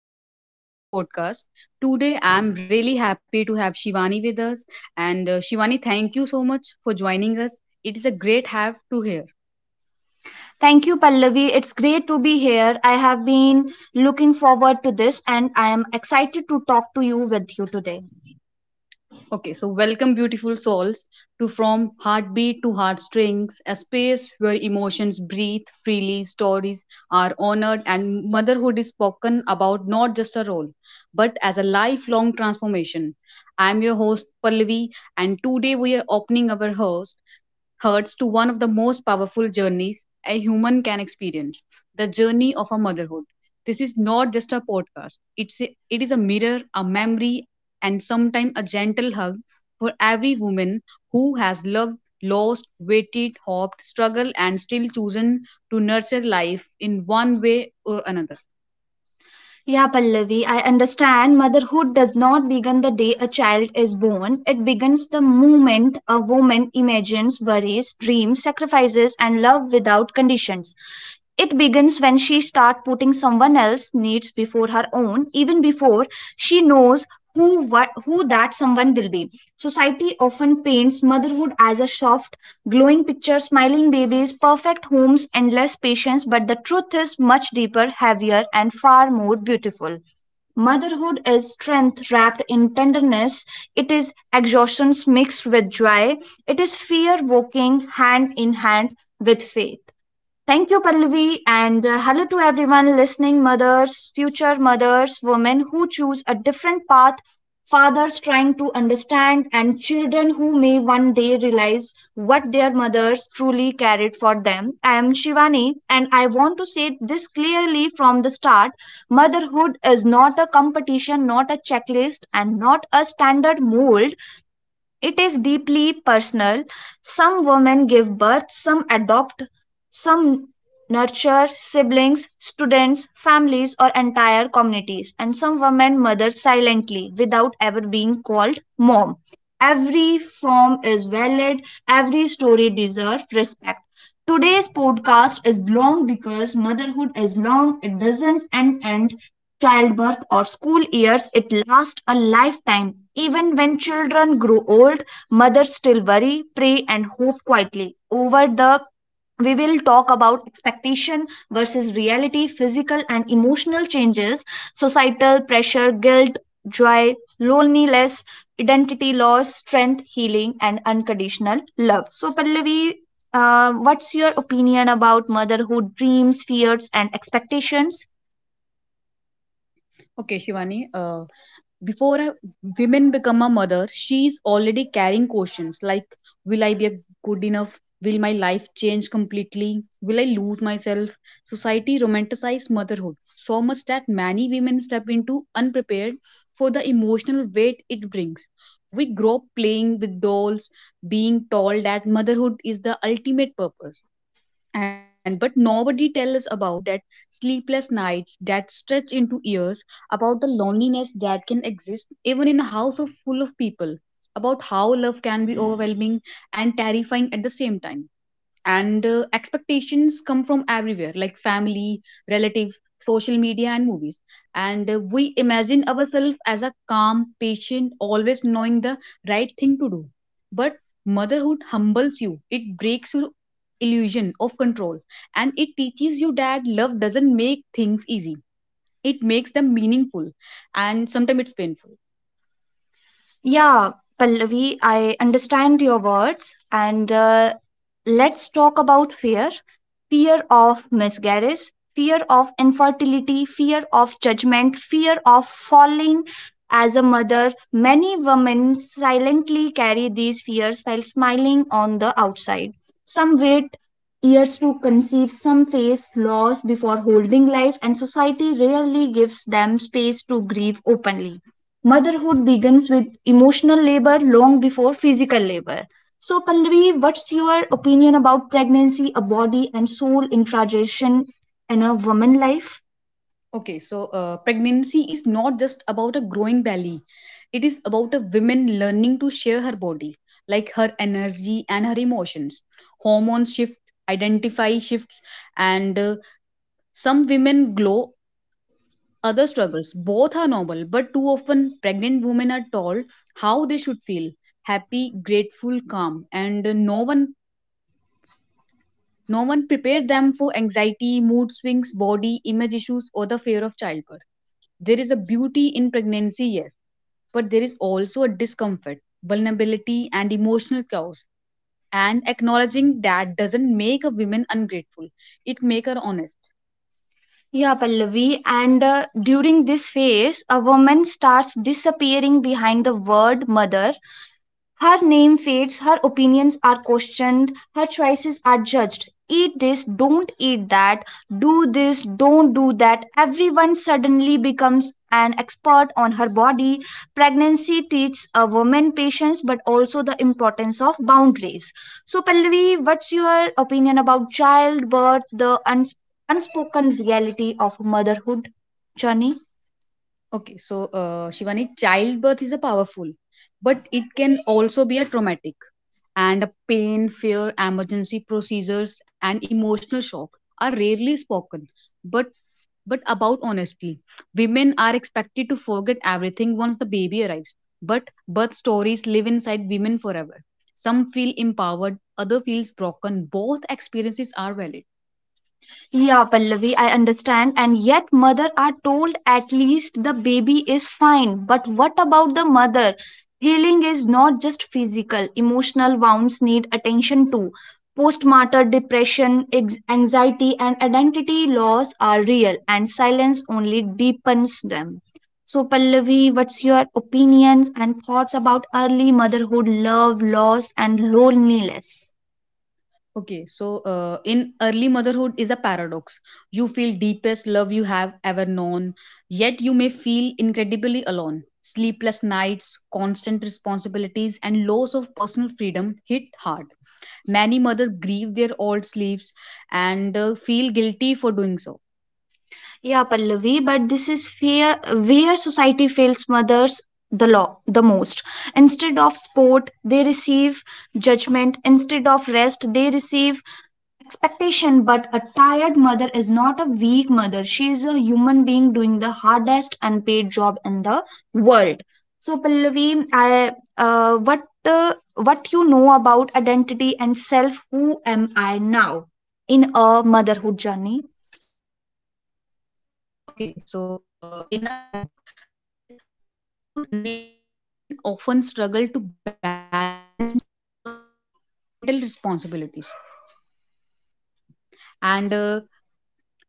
welcome back to our podcast. Today I'm really happy to have Shivani with us, and Shivani, thank you so much for joining us. It is a great have to hear. Thank you, Pallavi. It's great to be here. I have been looking forward to this and I am excited to talk to you with you today. Okay, so welcome, beautiful souls, to From Heartbeat to Heartstrings, a space where emotions breathe freely, stories are honored, and motherhood is spoken about not just a role, but as a lifelong transformation. I'm your host, Pallavi, and today we are opening our host hearts to one of the most powerful journeys a human can experience, the journey of a motherhood. This is not just a podcast, it is a mirror, a memory, and sometimes a gentle hug for every woman who has loved, lost, waited, hoped, struggled, and still chosen to nurture life in one way or another. Yeah, Pallavi, I understand motherhood does not begin the day a child is born. It begins the moment a woman imagines, worries, dreams, sacrifices, and love without conditions. It begins when she starts putting someone else's needs before her own, even before she knows who that someone will be. Society often paints motherhood as a soft, glowing picture, smiling babies, perfect homes, endless patience, but the truth is much deeper, heavier, and far more beautiful. Motherhood is strength wrapped in tenderness. It is exhaustion mixed with joy. It is fear walking hand in hand with faith. Thank you, Pallavi, and hello to everyone listening, mothers, future mothers, women who choose a different path, fathers trying to understand, and children who may one day realize what their mothers truly carried for them. I am Shivani, and I want to say this clearly from the start, motherhood is not a competition, not a checklist, and not a standard mold, it is deeply personal. Some women give birth, some adopt, some nurture siblings, students, families, or entire communities. And some women mother silently without ever being called mom. Every form is valid, every story deserves respect. Today's podcast is long because motherhood is long, it doesn't end, and childbirth or school years, it lasts a lifetime. Even when children grow old, mothers still worry, pray, and hope quietly. Over the we will talk about expectation versus reality, physical and emotional changes, societal pressure, guilt, joy, loneliness, identity loss, strength, healing, and unconditional love. So, Pallavi, what's your opinion about motherhood, dreams, fears, and expectations? Okay, Shivani, before a women become a mother, she's already carrying questions like, will I be a good enough, will my life change completely, will I lose myself? Society romanticizes motherhood so much that many women step into unprepared for the emotional weight it brings. We grow up playing with dolls, being told that motherhood is the ultimate purpose, and but nobody tells us about that sleepless nights that stretch into years, about the loneliness that can exist even in a house of full of people, about how love can be overwhelming and terrifying at the same time. And expectations come from everywhere, like family, relatives, social media, and movies. And we imagine ourselves as a calm patient, always knowing the right thing to do. But motherhood humbles you, it breaks your illusion of control, and it teaches you that love doesn't make things easy, it makes them meaningful, and sometimes it's painful. Yeah, Pallavi, I understand your words. And let's talk about fear of miscarriage, fear of infertility, fear of judgment, fear of falling as a mother. Many women silently carry these fears while smiling on the outside. Some wait years to conceive, some face loss before holding life, and society rarely gives them space to grieve openly. Motherhood begins with emotional labor long before physical labor. So, Pallavi, what's your opinion about pregnancy, a body and soul interaction in a woman's life? Okay, so pregnancy is not just about a growing belly. It is about a woman learning to share her body, like her energy and her emotions. Hormones shift, identify shifts, and some women glow, other struggles. Both are normal, but too often pregnant women are told how they should feel: happy, grateful, calm, and no one prepared them for anxiety, mood swings, body image issues, or the fear of childbirth. There is a beauty in pregnancy, yes, but there is also a discomfort, vulnerability, and emotional chaos. And acknowledging that doesn't make a woman ungrateful; it makes her honest. Yeah, Pallavi, and during this phase, a woman starts disappearing behind the word mother. Her name fades, her opinions are questioned, her choices are judged. Eat this, don't eat that, do this, don't do that. Everyone suddenly becomes an expert on her body. Pregnancy teaches a woman patience but also the importance of boundaries. So, Pallavi, what's your opinion about childbirth, the unspoken reality of motherhood journey? Okay, so Shivani, childbirth is a powerful, but it can also be a traumatic, and a pain, fear, emergency procedures, and emotional shock are rarely spoken, but but about honesty. Women are expected to forget everything once the baby arrives, but birth stories live inside women forever. Some feel empowered, others feels broken. Both experiences are valid. Yeah, Pallavi, I understand. And yet, mother are told at least the baby is fine. But what about the mother? Healing is not just physical, emotional wounds need attention too. Postmortem depression, anxiety, and identity loss are real, and silence only deepens them. So, Pallavi, what's your opinions and thoughts about early motherhood, love, loss, and loneliness? Okay, so in early motherhood is a paradox. You feel deepest love you have ever known, yet you may feel incredibly alone. Sleepless nights, constant responsibilities, and loss of personal freedom hit hard. Many mothers grieve their old sleeves, and feel guilty for doing so. Yeah, Pallavi, but this is fear where society fails mothers the law the most. Instead of sport, they receive judgment. Instead of rest, they receive expectation. But a tired mother is not a weak mother. She is a human being doing the hardest unpaid job in the world. So, Pallavi, I what you know about identity and self? Who am I now in a motherhood journey? Okay, so in a like motherhood reshapes identity. Women often struggle to balance personal dreams with parental responsibilities, and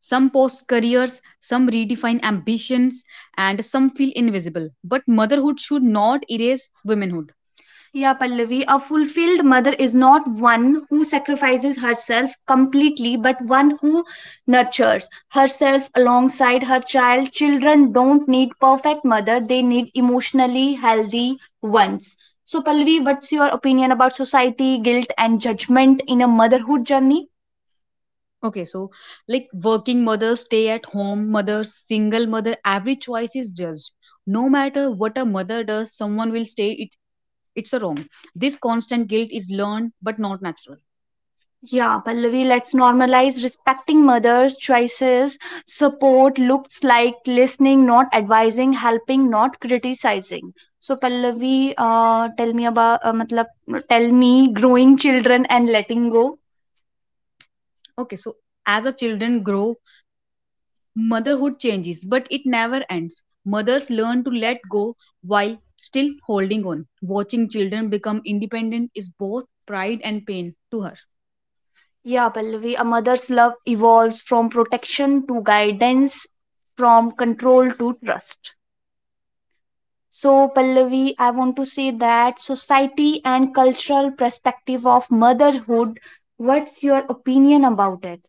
some post careers, some redefine ambitions, and some feel invisible. But motherhood should not erase womanhood. Yeah, Pallavi, a fulfilled mother is not one who sacrifices herself completely, but one who nurtures herself alongside her child. Children don't need perfect mother, they need emotionally healthy ones. So, Pallavi, what's your opinion about society, guilt, and judgment in a motherhood journey? Okay, so like working mothers, stay at home mothers, single mother, every choice is judged. No matter what a mother does, someone will say it, it's a wrong. This constant guilt is learned but not natural. Yeah, Pallavi, let's normalize respecting mothers' choices. Support looks like listening, not advising, helping, not criticizing. So, Pallavi, tell me about, matlab, tell me growing children and letting go. Okay, so as a children grow, motherhood changes, but it never ends. Mothers learn to let go while still holding on. Watching children become independent is both pride and pain to her. Yeah, Pallavi, a mother's love evolves from protection to guidance, from control to trust. So, Pallavi, I want to say that society and cultural perspective of motherhood, what's your opinion about it?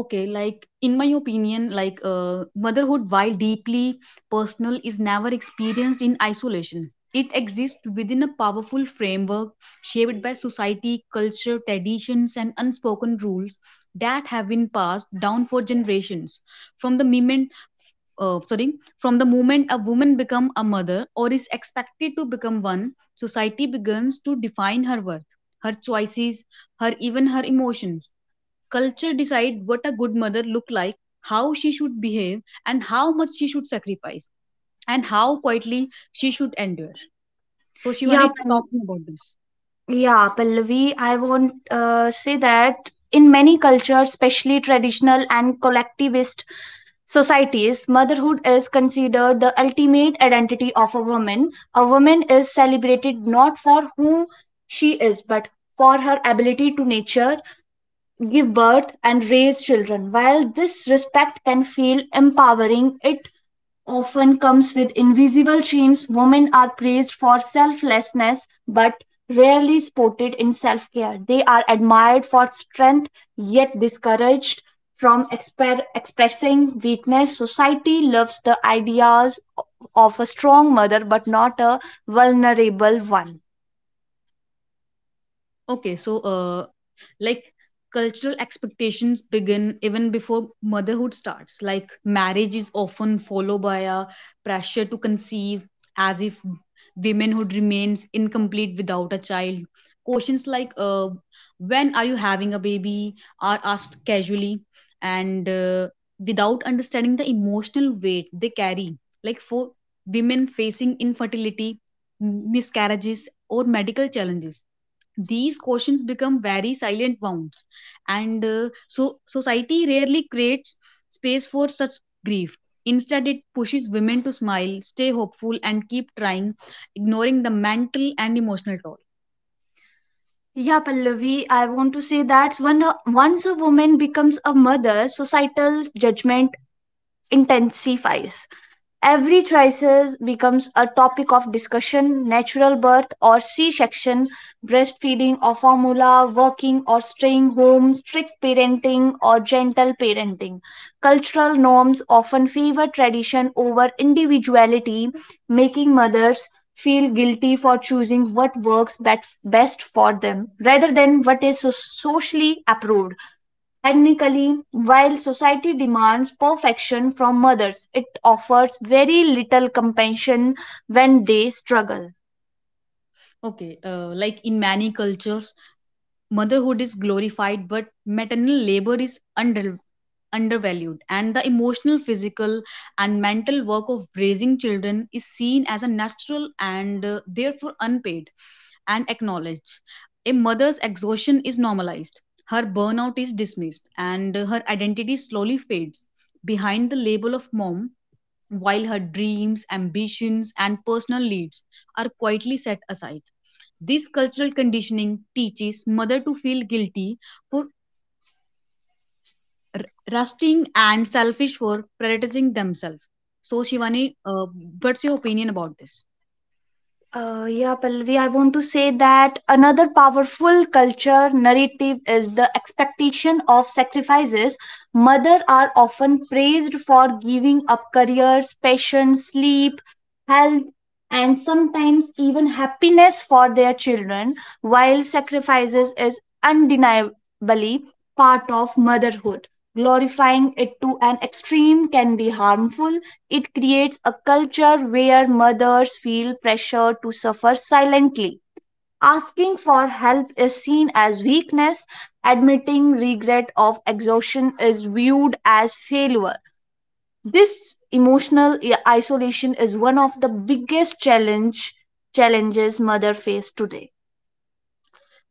Okay, like in my opinion, motherhood, while deeply personal, is never experienced in isolation. It exists within a powerful framework shaped by society, culture, traditions, and unspoken rules that have been passed down for generations. From the moment, uh, sorry, from the moment a woman becomes a mother or is expected to become one, society begins to define her worth, her choices, her even her emotions. Culture decide what a good mother look like, how she should behave and how much she should sacrifice, and how quietly she should endure. So Yeah, Shivani, Pal- talk me about this. yeah, Pallavi, I want say that in many cultures, especially traditional and collectivist societies, motherhood is considered the ultimate identity of a woman. A woman is celebrated not for who she is, but for her ability to nurture, give birth and raise children. While this respect can feel empowering, it often comes with invisible chains. Women are praised for selflessness but rarely supported in self care. They are admired for strength yet discouraged from expressing weakness. Society loves the ideas of a strong mother but not a vulnerable one. Okay, so like cultural expectations begin even before motherhood starts, like marriage is often followed by a pressure to conceive, as if womanhood remains incomplete without a child. Questions like when are you having a baby are asked casually, and without understanding the emotional weight they carry, like for women facing infertility, miscarriages, or medical challenges, these questions become very silent wounds. And so society rarely creates space for such grief, instead it pushes women to smile, stay hopeful, and keep trying, ignoring the mental and emotional toll. Yeah, Pallavi, I want to say that once a woman becomes a mother, societal judgment intensifies. Every crisis becomes a topic of discussion, natural birth or C section, breastfeeding or formula, working or staying home, strict parenting or gentle parenting. Cultural norms often favor tradition over individuality, making mothers feel guilty for choosing what works best for them rather than what is socially approved. Technically, while society demands perfection from mothers, it offers very little compassion when they struggle. Okay, like in many cultures motherhood is glorified, but maternal labor is undervalued, and the emotional, physical, and mental work of raising children is seen as a natural, and therefore unpaid and acknowledged. A mother's exhaustion is normalized, her burnout is dismissed, and her identity slowly fades behind the label of mom, while her dreams, ambitions, and personal needs are quietly set aside. This cultural conditioning teaches mother to feel guilty for r- rusting and selfish for prioritizing themselves. So Shivani, what's your opinion about this? Yeah, Pallavi, I want to say that another powerful culture narrative is the expectation of sacrifices. Mothers are often praised for giving up careers, passion, sleep, health, and sometimes even happiness for their children, while sacrifices is undeniably part of motherhood. Glorifying it to an extreme can be harmful, it creates a culture where mothers feel pressure to suffer silently. Asking for help is seen as weakness, admitting regret of exhaustion is viewed as failure. This emotional isolation is one of the biggest challenges mother face today.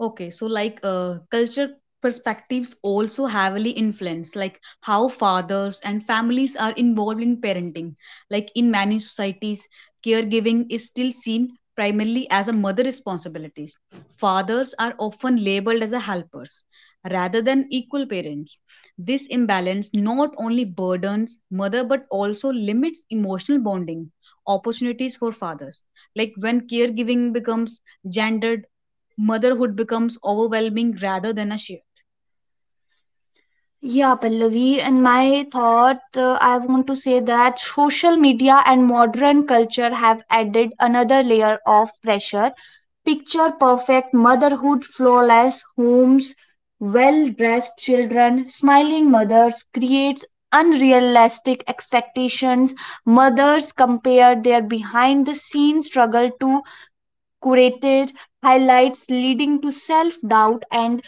Okay, so culture perspectives also heavily influence like how fathers and families are involved in parenting. Like in many societies, caregiving is still seen primarily as a mother responsibility. Fathers are often labeled as a helpers rather than equal parents. This imbalance not only burdens mother but also limits emotional bonding opportunities for fathers. Like when caregiving becomes gendered, motherhood becomes overwhelming rather than a shift. Yeah, Pallavi, in my thought, I want to say that social media and modern culture have added another layer of pressure. Picture perfect motherhood, flawless homes, well dressed children, smiling mothers creates unrealistic expectations. Mothers compare their behind the scenes struggle to curated highlights, leading to self doubt and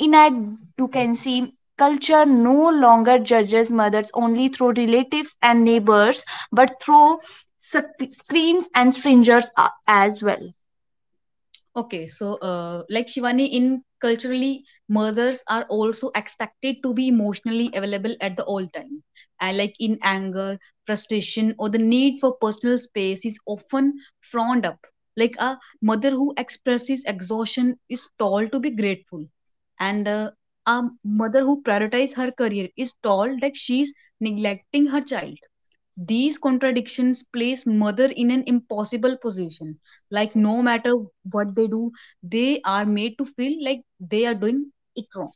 in our Duquesne, culture no longer judges mothers only through relatives and neighbors, but through screens and strangers as well. Okay, so like Shivani, in culturally, mothers are also expected to be emotionally available at the all time. And like in anger, frustration, or the need for personal space is often frowned up. Like a mother who expresses exhaustion is told to be grateful, and a mother who prioritizes her career is told that she is neglecting her child. These contradictions place mother in an impossible position. Like no matter what they do, they are made to feel like they are doing it wrong.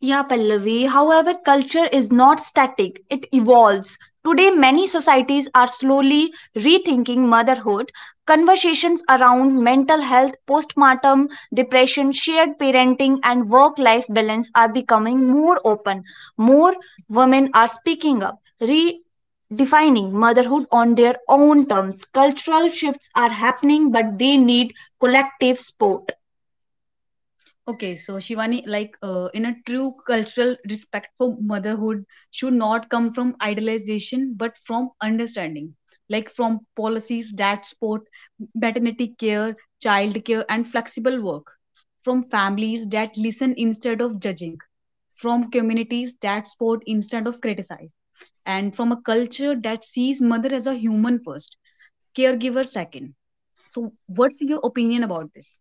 Yeah, Pallavi. However, culture is not static, it evolves. Today, many societies are slowly rethinking motherhood. Conversations around mental health, postpartum depression, shared parenting, and work life balance are becoming more open. More women are speaking up, redefining motherhood on their own terms. Cultural shifts are happening, but they need collective support. Okay, so Shivani, in a true cultural respect for motherhood should not come from idealization but from understanding, like from policies that support maternity care, child care, and flexible work, from families that listen instead of judging, from communities that support instead of criticize, and from a culture that sees mother as a human first, caregiver second. So, what's your opinion about this?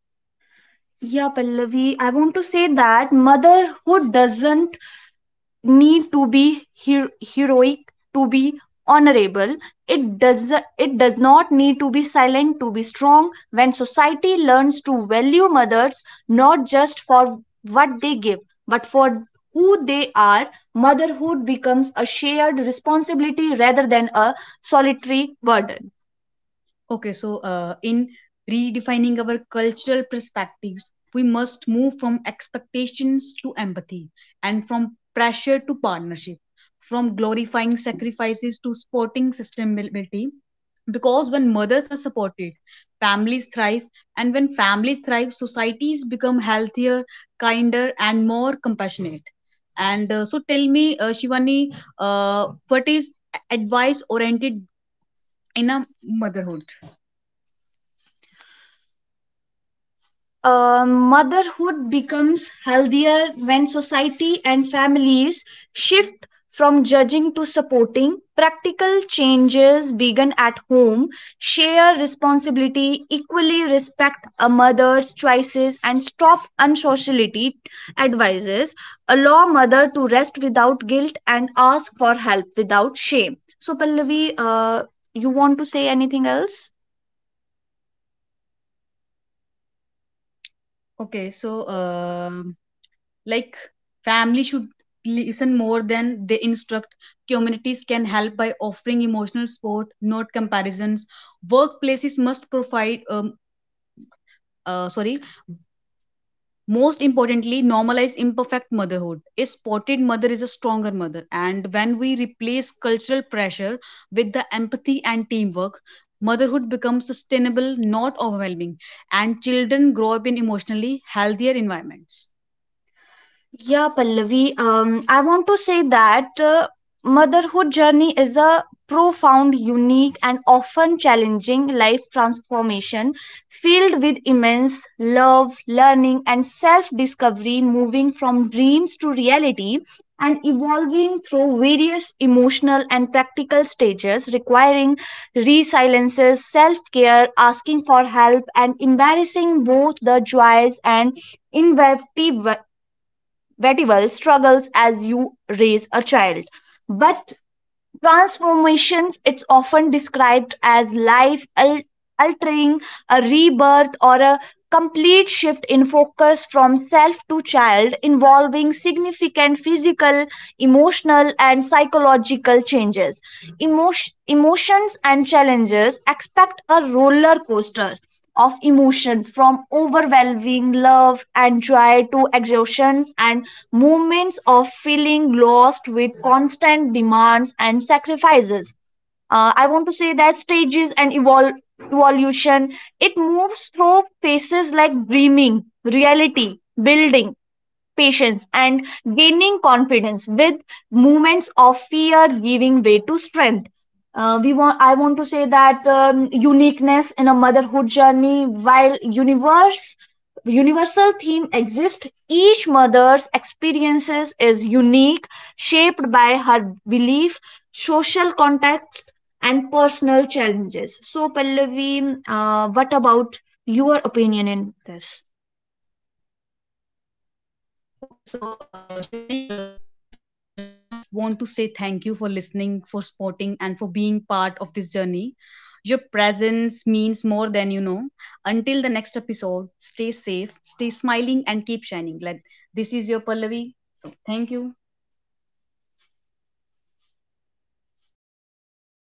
Yeah, Pallavi, I want to say that motherhood doesn't need to be heroic to be honorable. It does it does not need to be silent to be strong. When society learns to value mothers not just for what they give, but for who they are, motherhood becomes a shared responsibility rather than a solitary burden. Okay, so in redefining our cultural perspectives, we must move from expectations to empathy, and from pressure to partnership, from glorifying sacrifices to supporting sustainability. Because when mothers are supported, families thrive, and when families thrive, societies become healthier, kinder, and more compassionate. And so, tell me, Shivani, what is advice oriented in a motherhood? Motherhood becomes healthier when society and families shift from judging to supporting. Practical changes begin at home. Share responsibility, equally respect a mother's choices, and stop unsociality advices. Allow mother to rest without guilt and ask for help without shame. So, Pallavi, you want to say anything else? Okay, so uh, like family should listen more than they instruct. Communities can help by offering emotional support, not comparisons. Workplaces must provide, sorry, most importantly, normalize imperfect motherhood. A spotted mother is a stronger mother, and when we replace cultural pressure with the empathy and teamwork, motherhood becomes sustainable, not overwhelming, and children grow up in emotionally healthier environments. Yeah, Pallavi. I want to say that motherhood journey is a profound, unique, and often challenging life transformation filled with immense love, learning, and self-discovery, moving from dreams to reality and evolving through various emotional and practical stages requiring resiliences, self-care, asking for help, and embarrassing both the joys and invectivity very well struggles as you raise a child. But transformations, it's often described as life altering, a rebirth, or a complete shift in focus from self to child, involving significant physical, emotional, and psychological changes. Emotions and challenges expect a roller coaster of emotions from overwhelming love and joy to exhaustions and moments of feeling lost with constant demands and sacrifices. Uh, I want to say that stages and evolution, it moves through phases like dreaming reality, building patience and gaining confidence with moments of fear giving way to strength. Uh, we want i want to say that uniqueness in a motherhood journey, while universe universal theme exists, each mother's experiences is unique, shaped by her belief, social context, and personal challenges. So, Pallavi, what about your opinion in this? Okay, so Shivani, before we wrap up, I just want to say thank you for listening, for supporting, and for being part of this journey. Your presence means more than you know. Until the next episode, stay safe, stay smiling, and keep shining. Like this is your Pallavi. So thank you.